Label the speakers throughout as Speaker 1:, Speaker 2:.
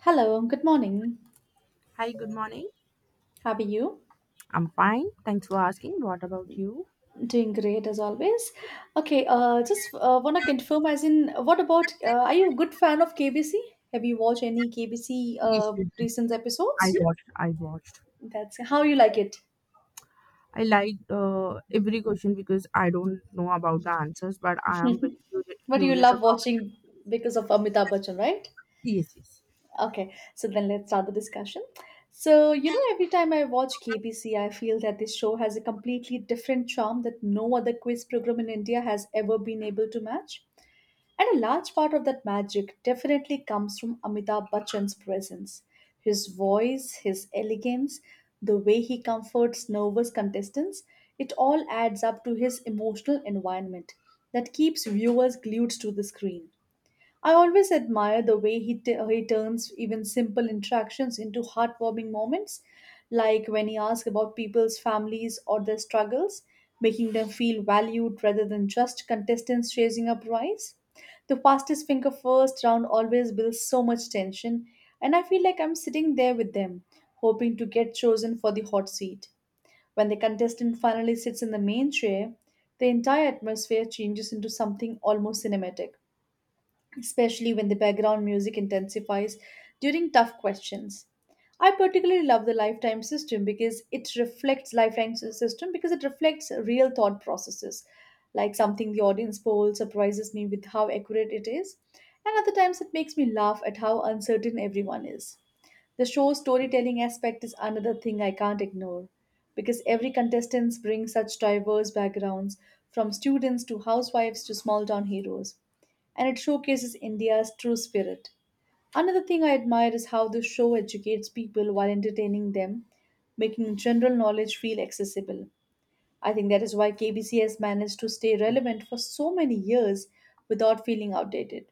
Speaker 1: Hello, good morning.
Speaker 2: Hi, good morning.
Speaker 1: How are you?
Speaker 2: I'm fine. Thanks for asking. What about you?
Speaker 1: Doing great as always. Okay, just want to confirm as in, what about, are you a good fan of KBC? Have you watched any KBC
Speaker 2: Yes, yes, yes.
Speaker 1: recent
Speaker 2: I
Speaker 1: episodes?
Speaker 2: watched. I watched.
Speaker 1: That's how you like it.
Speaker 2: I liked every question because I don't know about the answers, but I am very
Speaker 1: But you
Speaker 2: curious
Speaker 1: love
Speaker 2: about.
Speaker 1: watching because of Amitabh Bachchan, right?
Speaker 2: Yes, yes.
Speaker 1: Okay, so then let's start the discussion. So, you know, every time I watch KBC, I feel that this show has a completely different charm that no other quiz program in India has ever been able to match. And a large part of that magic definitely comes from Amitabh Bachchan's presence. His voice, his elegance, the way he comforts nervous contestants, it all adds up to his emotional environment that keeps viewers glued to the screen. I always admire the way he turns even simple interactions into heartwarming moments, like when he asks about people's families or their struggles, making them feel valued rather than just contestants chasing a prize. The fastest finger first round always builds so much tension, and I feel like I'm sitting there with them, hoping to get chosen for the hot seat. When the contestant finally sits in the main chair, the entire atmosphere changes into something almost cinematic, especially when the background music intensifies during tough questions. I particularly love the lifetime system because it reflects lifetime s- system because it reflects real thought processes, like something the audience poll surprises me with how accurate it is, and other times it makes me laugh at how uncertain everyone is. The show's storytelling aspect is another thing I can't ignore because every contestant brings such diverse backgrounds, from students to housewives to small town heroes, and it showcases India's true spirit. Another thing I admire is how the show educates people while entertaining them, making general knowledge feel accessible. I think that is why KBC has managed to stay relevant for so many years without feeling outdated.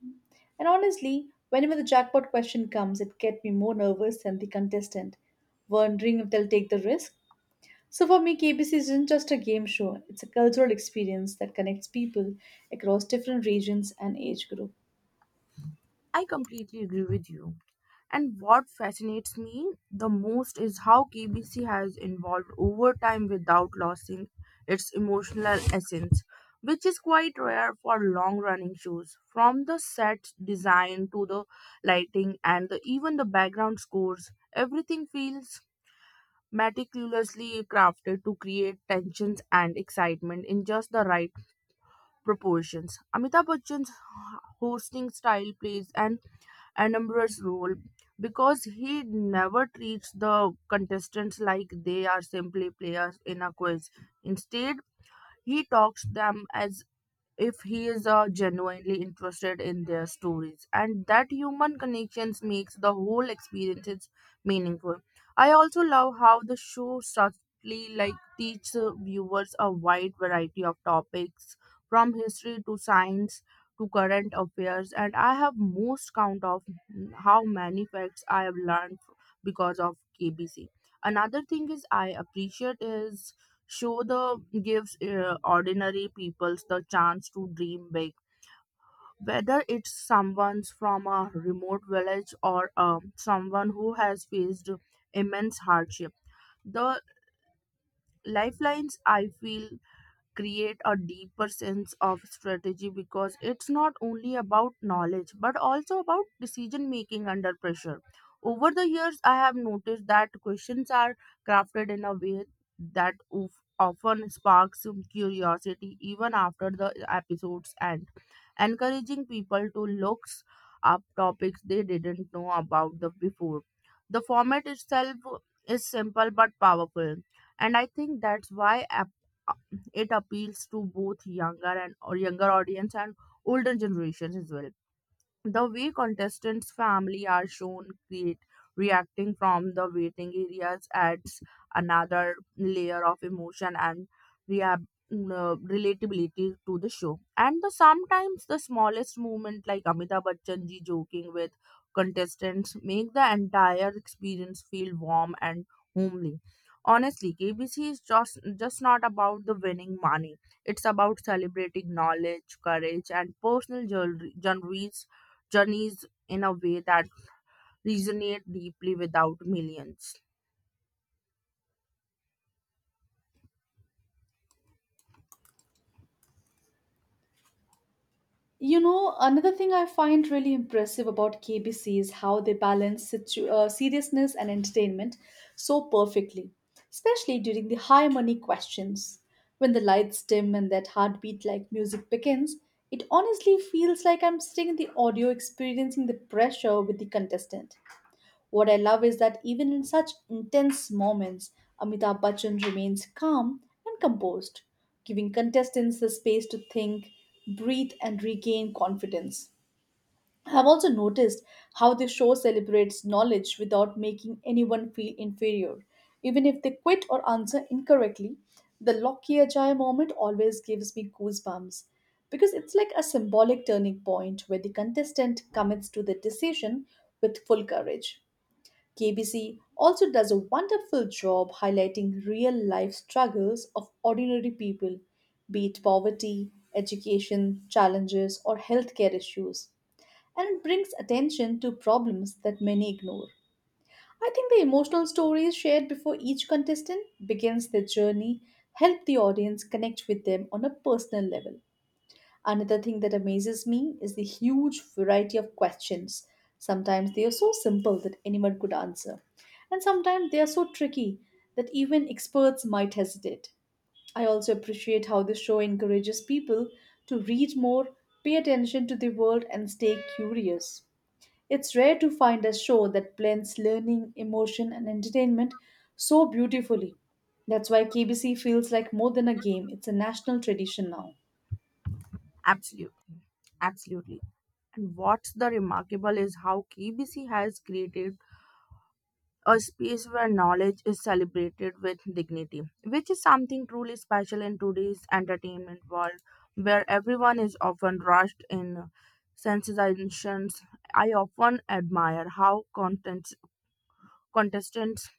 Speaker 1: And honestly, whenever the jackpot question comes, it gets me more nervous than the contestant, wondering if they'll take the risk. So for me, KBC isn't just a game show, it's a cultural experience that connects people across different regions and age groups.
Speaker 2: I completely agree with you. And what fascinates me the most is how KBC has evolved over time without losing its emotional essence, which is quite rare for long running shows. From the set design to the lighting even the background scores, everything feels meticulously crafted to create tensions and excitement in just the right proportions. Amitabh Bachchan's hosting style plays an Anumbra's role because he never treats the contestants like they are simply players in a quiz. Instead, he talks them as if he is genuinely interested in their stories, and that human connections makes the whole experience meaningful. I also love how the show subtly like teaches viewers a wide variety of topics, from history to science to current affairs, and I have most count of how many facts I have learned because of KBC. Another thing is I appreciate is show the gives ordinary people the chance to dream big, whether it's someone's from a remote village or someone who has faced immense hardship. The lifelines I feel create a deeper sense of strategy because it's not only about knowledge but also about decision making under pressure. Over the years, I have noticed that questions are crafted in a way that often sparks some curiosity even after the episode's end, encouraging people to look up topics they didn't know about the before. The format itself is simple but powerful, and I think that's why it appeals to both younger and or younger audience and older generations as well. The way contestants' family are shown create reacting from the waiting areas adds another layer of emotion and rea- relatability to the show. And the sometimes the smallest moment like Amitabh Bachchan ji joking with contestants make the entire experience feel warm and homely. Honestly, KBC is just not about the winning money. It's about celebrating knowledge, courage, and personal journeys in a way that resonate deeply without millions.
Speaker 1: You know, another thing I find really impressive about KBC is how they balance seriousness and entertainment so perfectly, especially during the high money questions. When the lights dim and that heartbeat like music begins, it honestly feels like I'm sitting in the audio experiencing the pressure with the contestant. What I love is that even in such intense moments, Amitabh Bachchan remains calm and composed, giving contestants the space to think, breathe, and regain confidence. I've also noticed how the show celebrates knowledge without making anyone feel inferior. Even if they quit or answer incorrectly, the Loki Ajay moment always gives me goosebumps because it's like a symbolic turning point where the contestant commits to the decision with full courage. KBC also does a wonderful job highlighting real life struggles of ordinary people, be it poverty, education, challenges, or healthcare issues, and it brings attention to problems that many ignore. I think the emotional stories shared before each contestant begins their journey help the audience connect with them on a personal level. Another thing that amazes me is the huge variety of questions. Sometimes they are so simple that anyone could answer, and sometimes they are so tricky that even experts might hesitate. I also appreciate how the show encourages people to read more, pay attention to the world, and stay curious. It's rare to find a show that blends learning, emotion, and entertainment so beautifully. That's why KBC feels like more than a game, it's a national tradition now.
Speaker 2: Absolute, absolutely. And what's the remarkable is how KBC has created a space where knowledge is celebrated with dignity, which is something truly special in today's entertainment world, where everyone is often rushed in sensitizations. I often admire how content Contestants,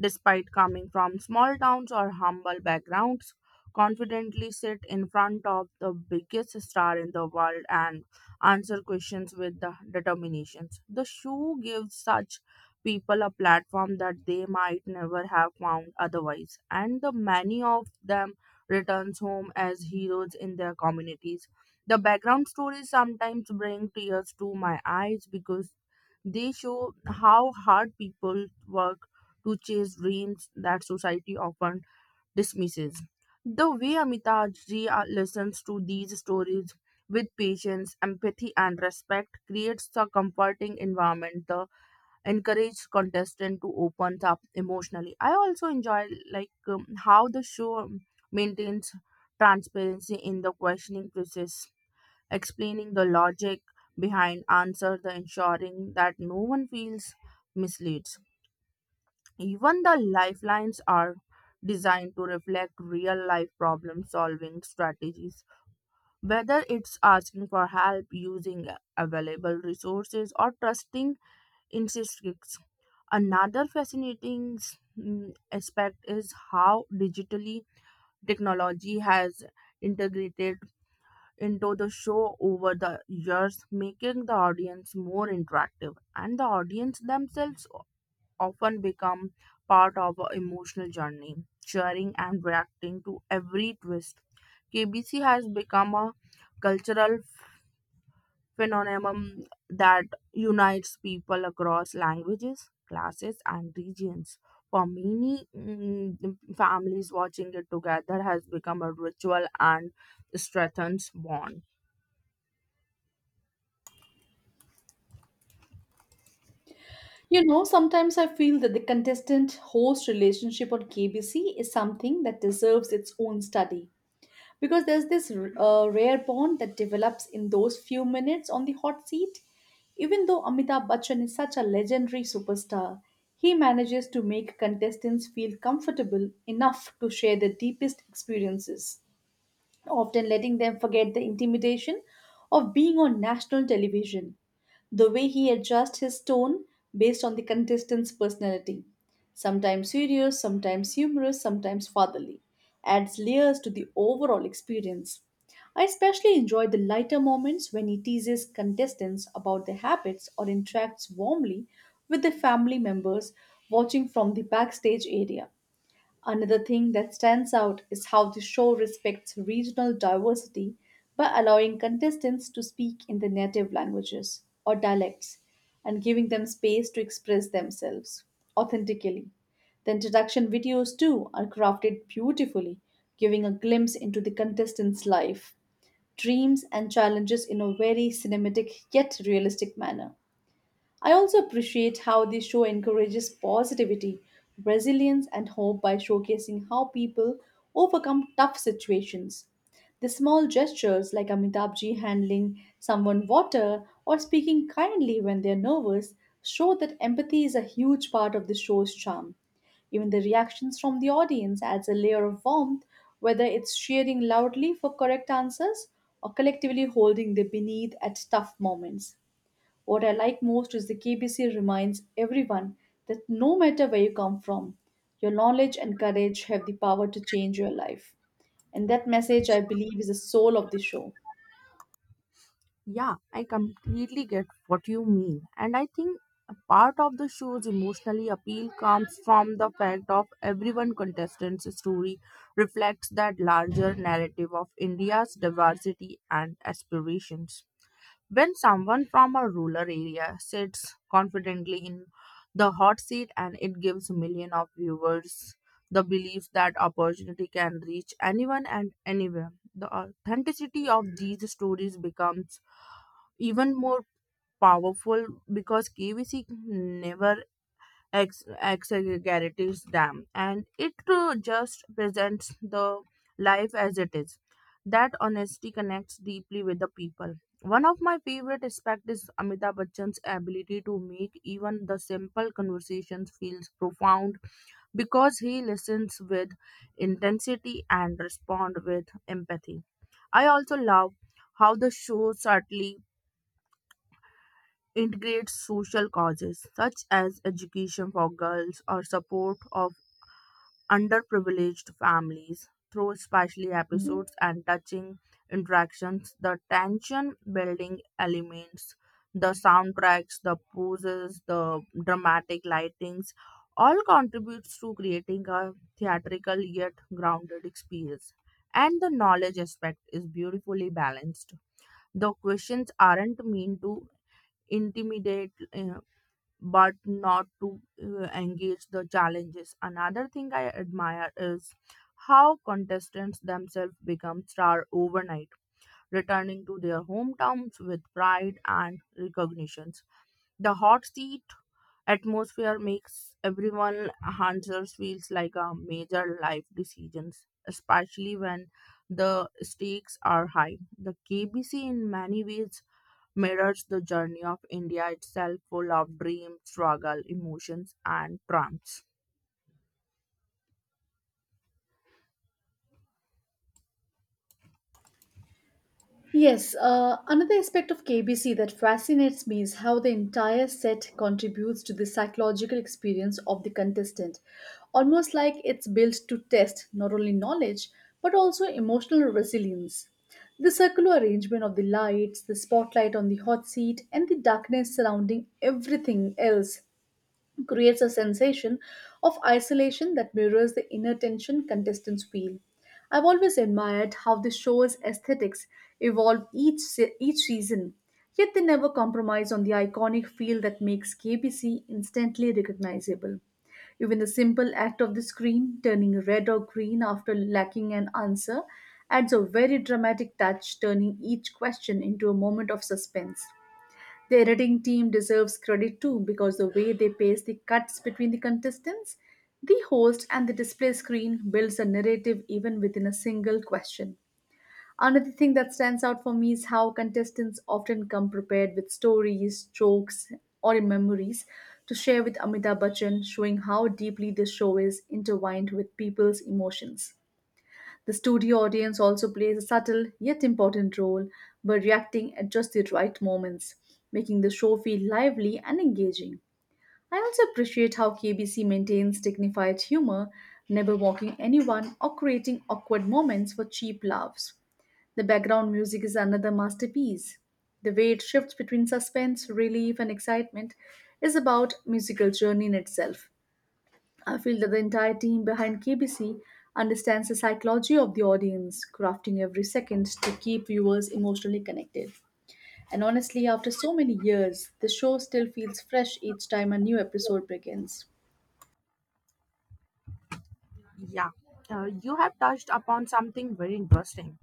Speaker 2: despite coming from small towns or humble backgrounds, confidently sit in front of the biggest star in the world and answer questions with the determination. The show gives such people a platform that they might never have found otherwise, and the many of them returns home as heroes in their communities. The background stories sometimes bring tears to my eyes because they show how hard people work to chase dreams that society often dismisses. The way Amitaji listens to these stories with patience, empathy, and respect creates a comforting environment that encourages contestant to open up emotionally. I also enjoy how the show maintains transparency in the questioning process, explaining the logic behind answer the ensuring that no one feels misleads. Even the lifelines are designed to reflect real life problem solving strategies, whether it's asking for help using available resources or trusting instincts. Another fascinating mm, aspect is how digitally technology has integrated into the show over the years, making the audience more interactive, and the audience themselves often become part of an emotional journey, cheering and reacting to every twist. KBC has become a cultural phenomenon that unites people across languages, classes, and regions. For many families, watching it together has become a ritual and strengthens bond.
Speaker 1: You know, sometimes I feel that the contestant host relationship on KBC is something that deserves its own study because there's this rare bond that develops in those few minutes on the hot seat. Even though Amitabh Bachchan is such a legendary superstar, he manages to make contestants feel comfortable enough to share their deepest experiences, often letting them forget the intimidation of being on national television. The way he adjusts his tone based on the contestant's personality, sometimes serious, sometimes humorous, sometimes fatherly, adds layers to the overall experience. I especially enjoy the lighter moments when he teases contestants about their habits or interacts warmly with the family members watching from the backstage area. Another thing that stands out is how the show respects regional diversity by allowing contestants to speak in their native languages or dialects and giving them space to express themselves authentically. The introduction videos, too, are crafted beautifully, giving a glimpse into the contestants' life, dreams, and challenges in a very cinematic yet realistic manner. I also appreciate how the show encourages positivity, resilience, and hope by showcasing how people overcome tough situations. The small gestures like Amitabhji handling someone water or speaking kindly when they're nervous show that empathy is a huge part of the show's charm. Even the reactions from the audience adds a layer of warmth, whether it's cheering loudly for correct answers or collectively holding the beneath at tough moments. What I like most is the KBC reminds everyone that no matter where you come from, your knowledge and courage have the power to change your life. And that message, I believe, is the soul of the show.
Speaker 2: Yeah, I completely get what you mean. And I think a part of the show's emotionally appeal comes from the fact of everyone contestant's story reflects that larger narrative of India's diversity and aspirations. When someone from a rural area sits confidently in the hot seat, and it gives millions of viewers the belief that opportunity can reach anyone and anywhere, the authenticity of these stories becomes even more powerful because KVC never exaggerates them, and it just presents the life as it is. That honesty connects deeply with the people. One of my favorite aspects is Amitabh Bachchan's ability to make even the simple conversations feels profound because he listens with intensity and respond with empathy. I also love how the show subtly integrates social causes such as education for girls or support of underprivileged families through special episodes and touching interactions. The tension building elements, the soundtracks, the poses, the dramatic lightings all contributes to creating a theatrical yet grounded experience. And the knowledge aspect is beautifully balanced. The questions aren't mean to intimidate but not to engage the challenges. Another thing I admire is how contestants themselves become star overnight, returning to their hometowns with pride and recognitions. The hot seat atmosphere makes everyone answers feels like a major life decisions, especially when the stakes are high. The KBC in many ways mirrors the journey of India itself, full of dreams, struggle, emotions, and triumphs.
Speaker 1: Yes, another aspect of KBC that fascinates me is how the entire set contributes to the psychological experience of the contestant. Almost like it's built to test not only knowledge but also emotional resilience. The circular arrangement of the lights, the spotlight on the hot seat, and the darkness surrounding everything else creates a sensation of isolation that mirrors the inner tension contestants feel. I've always admired how the show's aesthetics evolve each season, yet they never compromise on the iconic feel that makes KBC instantly recognizable. Even the simple act of the screen turning red or green after lacking an answer adds a very dramatic touch, turning each question into a moment of suspense. The editing team deserves credit too because the way they pace the cuts between the contestants, the host, and the display screen builds a narrative even within a single question. Another thing that stands out for me is how contestants often come prepared with stories, jokes, or memories to share with Amitabh Bachchan, showing how deeply this show is intertwined with people's emotions. The studio audience also plays a subtle yet important role by reacting at just the right moments, making the show feel lively and engaging. I also appreciate how KBC maintains dignified humor, never mocking anyone or creating awkward moments for cheap laughs. The background music is another masterpiece. The way it shifts between suspense, relief, and excitement is about musical journey in itself. I feel that the entire team behind KBC understands the psychology of the audience, crafting every second to keep viewers emotionally connected. And honestly, after so many years, the show still feels fresh each time a new episode begins.
Speaker 2: Yeah, you have touched upon something very interesting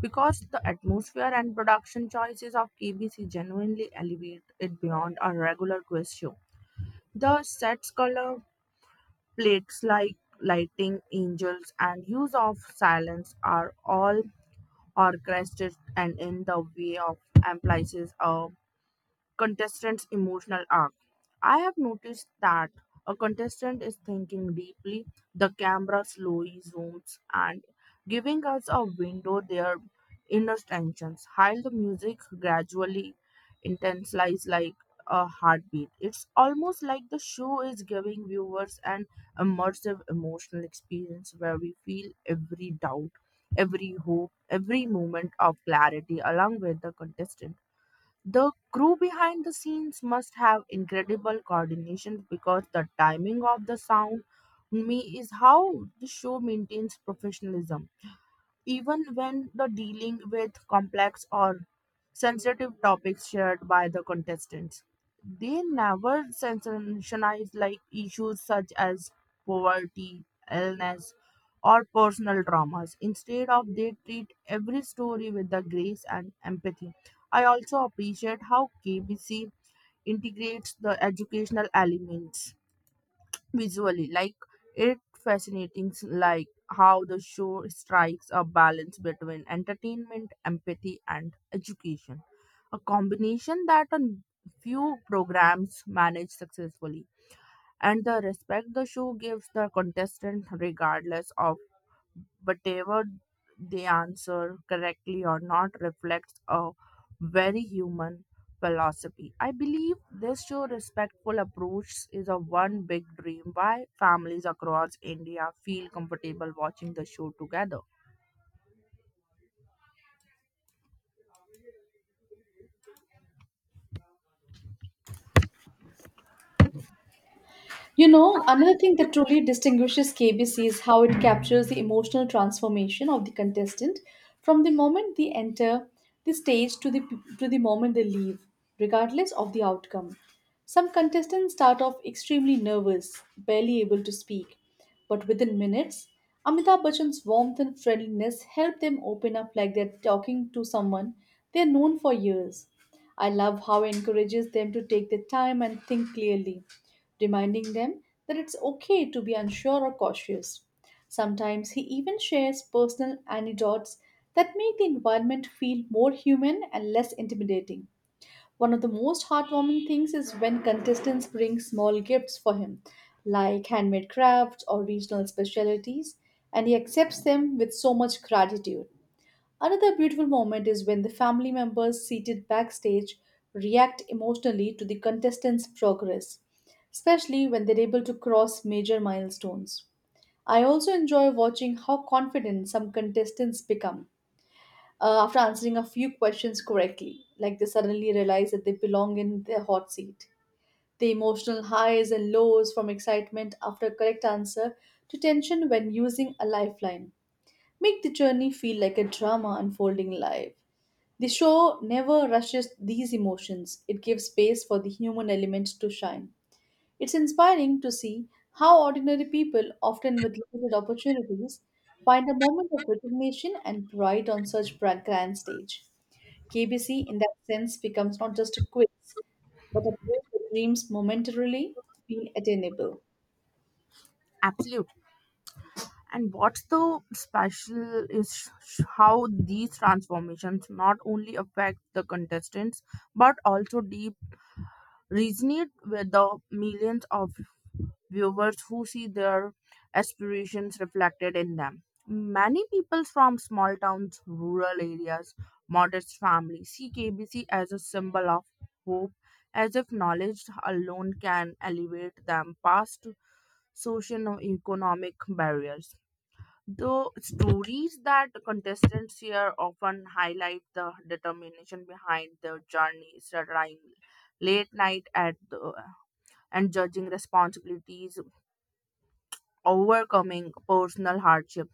Speaker 2: because the atmosphere and production choices of KBC genuinely elevate it beyond a regular quiz show. The sets color, plates like lighting, angels, and use of silence are all orchestrated and in the way of emphasizes a contestant's emotional arc. I have noticed that a contestant is thinking deeply, the camera slowly zooms and giving us a window their inner tensions, while the music gradually intensifies like a heartbeat. It's almost like the show is giving viewers an immersive emotional experience where we feel every doubt, every hope, every moment of clarity along with the contestant. The crew behind the scenes must have incredible coordination because the timing of the sound me is how the show maintains professionalism even when the dealing with complex or sensitive topics shared by the contestants. They never sensationalize like issues such as poverty, illness, or personal traumas. Instead of they treat every story with the grace and empathy. I also appreciate how KBC integrates the educational elements visually like it fascinating like how the show strikes a balance between entertainment empathy and education, a combination that a few programs manage successfully, and the respect the show gives the contestant regardless of whatever they answer correctly or not reflects a very human philosophy. I believe this show respectful approach is a one big dream why families across India feel comfortable watching the show together.
Speaker 1: You know, another thing that truly distinguishes KBC is how it captures the emotional transformation of the contestant from the moment they enter the stage to the moment they leave, regardless of the outcome. Some contestants start off extremely nervous, barely able to speak, but within minutes, Amitabh Bachchan's warmth and friendliness help them open up like they're talking to someone they're known for years. I love how he encourages them to take their time and think clearly, reminding them that it's okay to be unsure or cautious. Sometimes he even shares personal anecdotes that make the environment feel more human and less intimidating. One of the most heartwarming things is when contestants bring small gifts for him, like handmade crafts or regional specialties, and he accepts them with so much gratitude. Another beautiful moment is when the family members seated backstage react emotionally to the contestants' progress, especially when they're able to cross major milestones. I also enjoy watching how confident some contestants become after answering a few questions correctly. Like they suddenly realize that they belong in their hot seat. The emotional highs and lows, from excitement after a correct answer to tension when using a lifeline, make the journey feel like a drama unfolding live. The show never rushes these emotions, it gives space for the human element to shine. It's inspiring to see how ordinary people, often with limited opportunities, find a moment of recognition and pride on such grand stage. KBC, in that sense, becomes not just a quiz, but a place where dreams momentarily feel attainable.
Speaker 2: Absolute. And what's the special is how these transformations not only affect the contestants but also deep resonate with the millions of viewers who see their aspirations reflected in them. Many people from small towns, rural areas, modest families see KBC as a symbol of hope, as if knowledge alone can elevate them past social economic barriers. The stories that contestants share often highlight the determination behind their journeys, studying late night at the, and judging responsibilities overcoming personal hardship.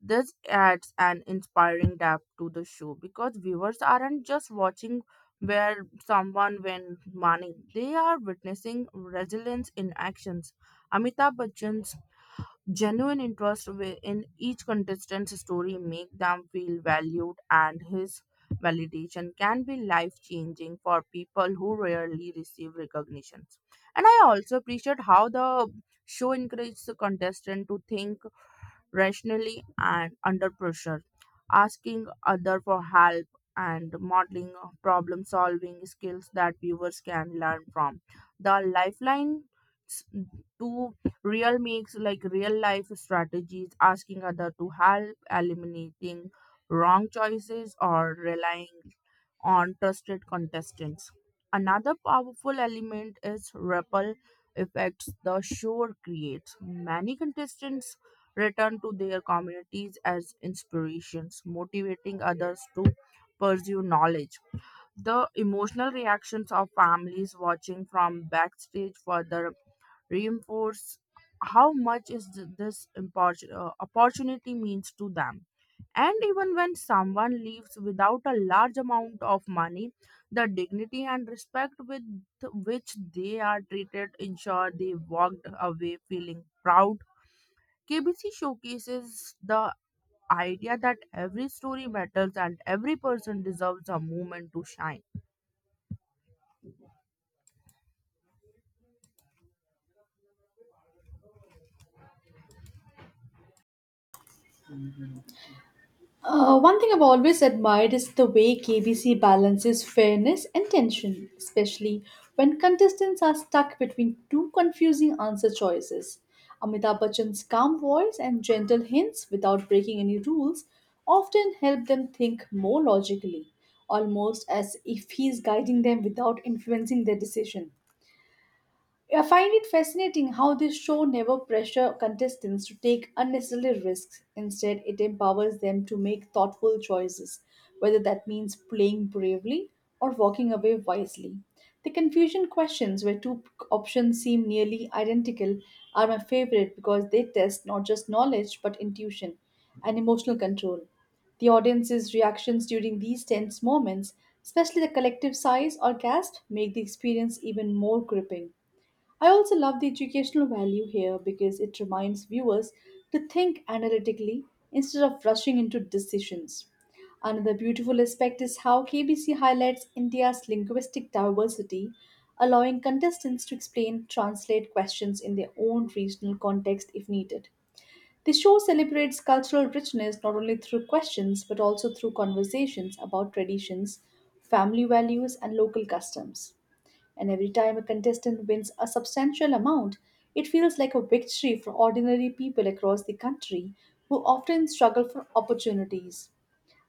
Speaker 2: This adds an inspiring depth to the show because viewers aren't just watching where someone wins money, they are witnessing resilience in actions. Amitabh Bachchan's Genuine interest in each contestant's story make them feel valued, and his validation can be life changing for people who rarely receive recognitions. And I also appreciate how the show encourages the contestant to think rationally and under pressure, asking other for help and modeling problem solving skills that viewers can learn from. The lifeline to real makes like real life strategies, asking other to help, eliminating wrong choices or relying on trusted contestants. Another powerful element is ripple effects the show creates. Many contestants return to their communities as inspirations, motivating others to pursue knowledge. The emotional reactions of families watching from backstage further reinforce how much is opportunity means to them. And even when someone leaves without a large amount of money, the dignity and respect with which, they are treated ensure they walked away feeling proud. KBC showcases the idea that every story matters and every person deserves a moment to shine.
Speaker 1: One thing I've always admired is the way KBC balances fairness and tension, especially when contestants are stuck between two confusing answer choices. Amitabh Bachchan's calm voice and gentle hints without breaking any rules often help them think more logically, almost as if he's guiding them without influencing their decision. I find it fascinating how this show never pressure contestants to take unnecessary risks. Instead, it empowers them to make thoughtful choices, whether that means playing bravely or walking away wisely. The confusion questions, where two options seem nearly identical, are my favorite because they test not just knowledge but intuition and emotional control. The audience's reactions during these tense moments, especially the collective sighs or gasp, make the experience even more gripping. I also love the educational value here because it reminds viewers to think analytically instead of rushing into decisions. Another beautiful aspect is how KBC highlights India's linguistic diversity, allowing contestants to explain, translate questions in their own regional context if needed. The show celebrates cultural richness not only through questions but also through conversations about traditions, family values, and local customs. And every time a contestant wins a substantial amount, it feels like a victory for ordinary people across the country who often struggle for opportunities.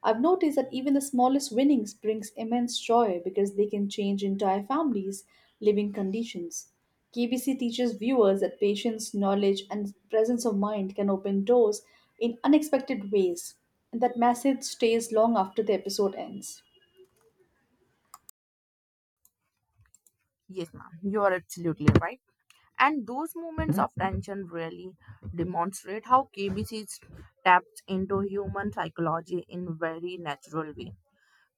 Speaker 1: I've noticed that even the smallest winnings brings immense joy because they can change entire families' living conditions. KBC teaches viewers that patience, knowledge, and presence of mind can open doors in unexpected ways, and that message stays long after the episode ends.
Speaker 2: Yes, ma'am, you are absolutely right. And those moments of tension really demonstrate how KBC taps into human psychology in very natural way.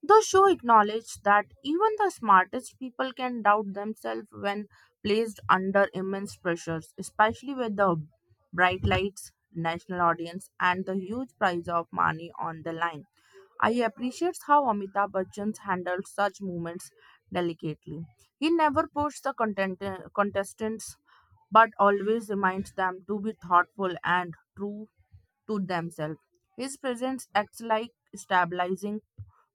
Speaker 2: The show acknowledged that even the smartest people can doubt themselves when placed under immense pressures, especially with the bright lights, national audience, and the huge prize of money on the line. I appreciate how Amitabh Bachchan handled such moments delicately. He never pushed the contestants but always reminds them to be thoughtful and true to themselves. His presence acts like stabilizing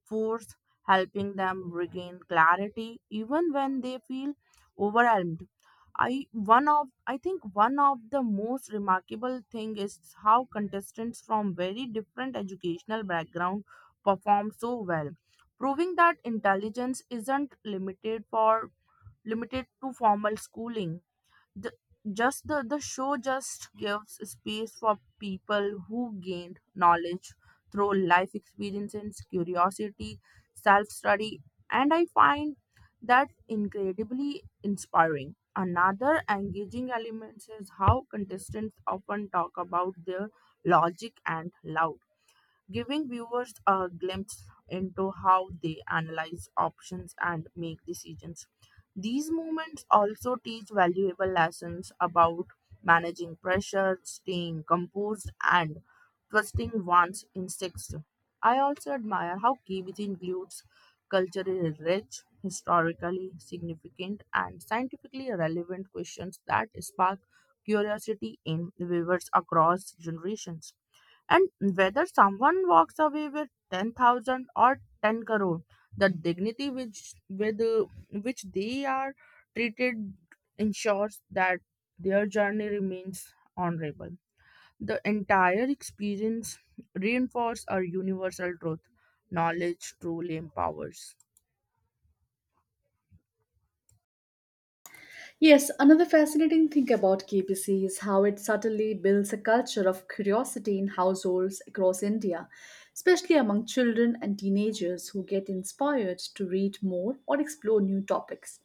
Speaker 2: force, helping them regain clarity even when they feel overwhelmed. I think one of the most remarkable thing is how contestants from very different educational background perform so well, proving that intelligence isn't limited to formal schooling. the, the show just gives space for people who gained knowledge through life experiences, curiosity, self-study, and I find that incredibly inspiring. Another engaging element is how contestants often talk about their logic and love, giving viewers a glimpse into how they analyze options and make decisions. These moments also teach valuable lessons about managing pressure, staying composed, and trusting one's instincts. I also admire how Kiwis includes culturally rich, historically significant, and scientifically relevant questions that spark curiosity in viewers across generations. And whether someone walks away with 10,000 or 10 crore, the dignity which they are treated ensures that their journey remains honorable. The entire experience reinforces our universal truth knowledge truly empowers.
Speaker 1: Yes, another fascinating thing about KPC is how it subtly builds a culture of curiosity in households across India, especially among children and teenagers who get inspired to read more or explore new topics.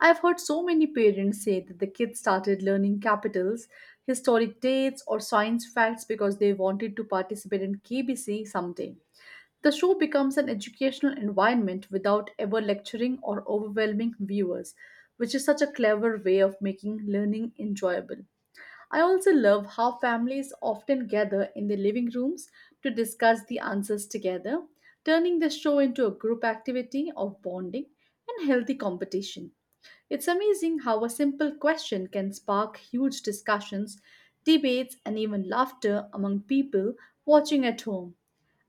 Speaker 1: I've heard so many parents say that the kids started learning capitals, historic dates, or science facts because they wanted to participate in KBC someday. The show becomes an educational environment without ever lecturing or overwhelming viewers, which is such a clever way of making learning enjoyable. I also love how families often gather in their living rooms to discuss the answers together, turning the show into a group activity of bonding and healthy competition. It's amazing how a simple question can spark huge discussions, debates, and even laughter among people watching at home.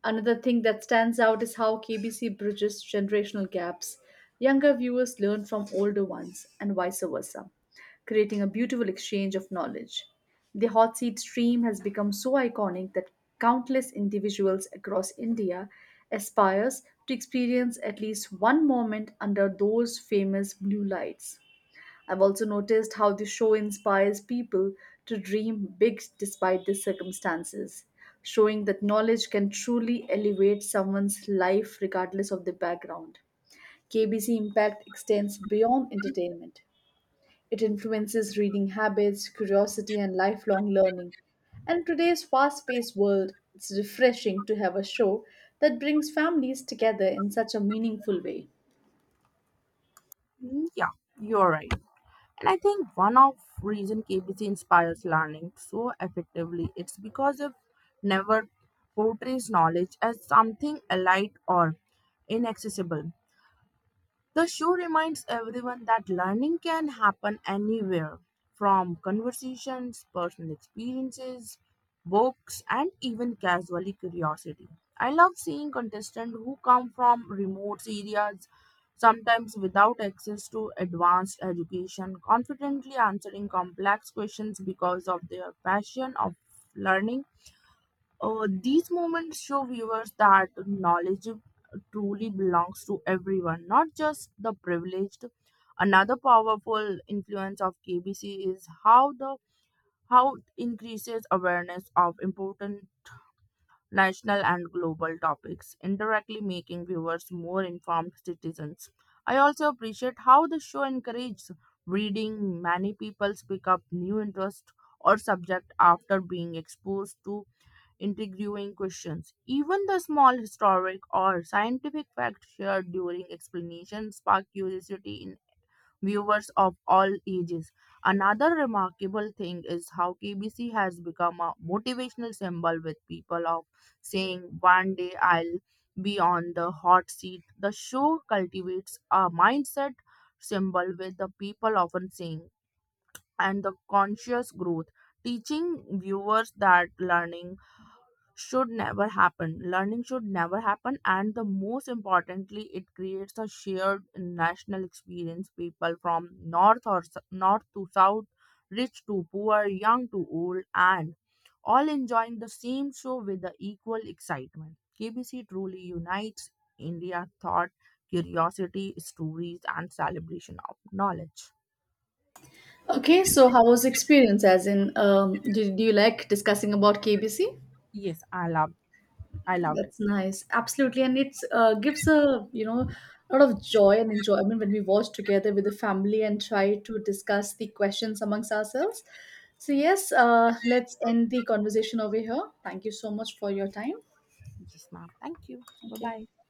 Speaker 1: Another thing that stands out is how KBC bridges generational gaps. Younger viewers learn from older ones, and vice versa, creating a beautiful exchange of knowledge. The hot seat stream has become so iconic that countless individuals across India aspires to experience at least one moment under those famous blue lights. I've also noticed how the show inspires people to dream big despite the circumstances, showing that knowledge can truly elevate someone's life regardless of the background. KBC Impact extends beyond entertainment. It influences reading habits, curiosity, and lifelong learning. And in today's fast paced world, it's refreshing to have a show that brings families together in such a meaningful way.
Speaker 2: Yeah, you're right. And I think one of reason KBC inspires learning so effectively it's because it never portrays knowledge as something elite or inaccessible. The show reminds everyone that learning can happen anywhere, from conversations, personal experiences, books, and even casually curiosity. I love seeing contestants who come from remote areas, sometimes without access to advanced education, confidently answering complex questions because of their passion of learning. These moments show viewers that knowledge truly belongs to everyone, not just the privileged. Another powerful influence of KBC is how it increases awareness of important national and global topics, indirectly making viewers more informed citizens. I also appreciate how the show encourages reading. Many people pick up new interest or subject after being exposed to interviewing questions. Even the small historic or scientific facts shared during explanation spark curiosity in viewers of all ages. Another remarkable thing is how KBC has become a motivational symbol with people of saying, "One day I'll be on the hot seat." The show cultivates a mindset symbol with the people often saying, and the conscious growth, teaching viewers that learning should never happen. Learning should never happen, and the most importantly, it creates a shared national experience. People from north to south, rich to poor, young to old, and all enjoying the same show with the equal excitement. KBC truly unites India thought, curiosity, stories, and celebration of knowledge.
Speaker 1: Okay, so how was the experience? As in, did you like discussing about KBC?
Speaker 2: Yes, I loved it.
Speaker 1: That's nice. Absolutely. And it's gives a, a lot of joy and enjoyment when we watch together with the family and try to discuss the questions amongst ourselves. So yes, let's end the conversation over here. Thank you so much for your time.
Speaker 2: Yes, ma'am. Thank you. Bye
Speaker 1: Thank you.
Speaker 2: bye.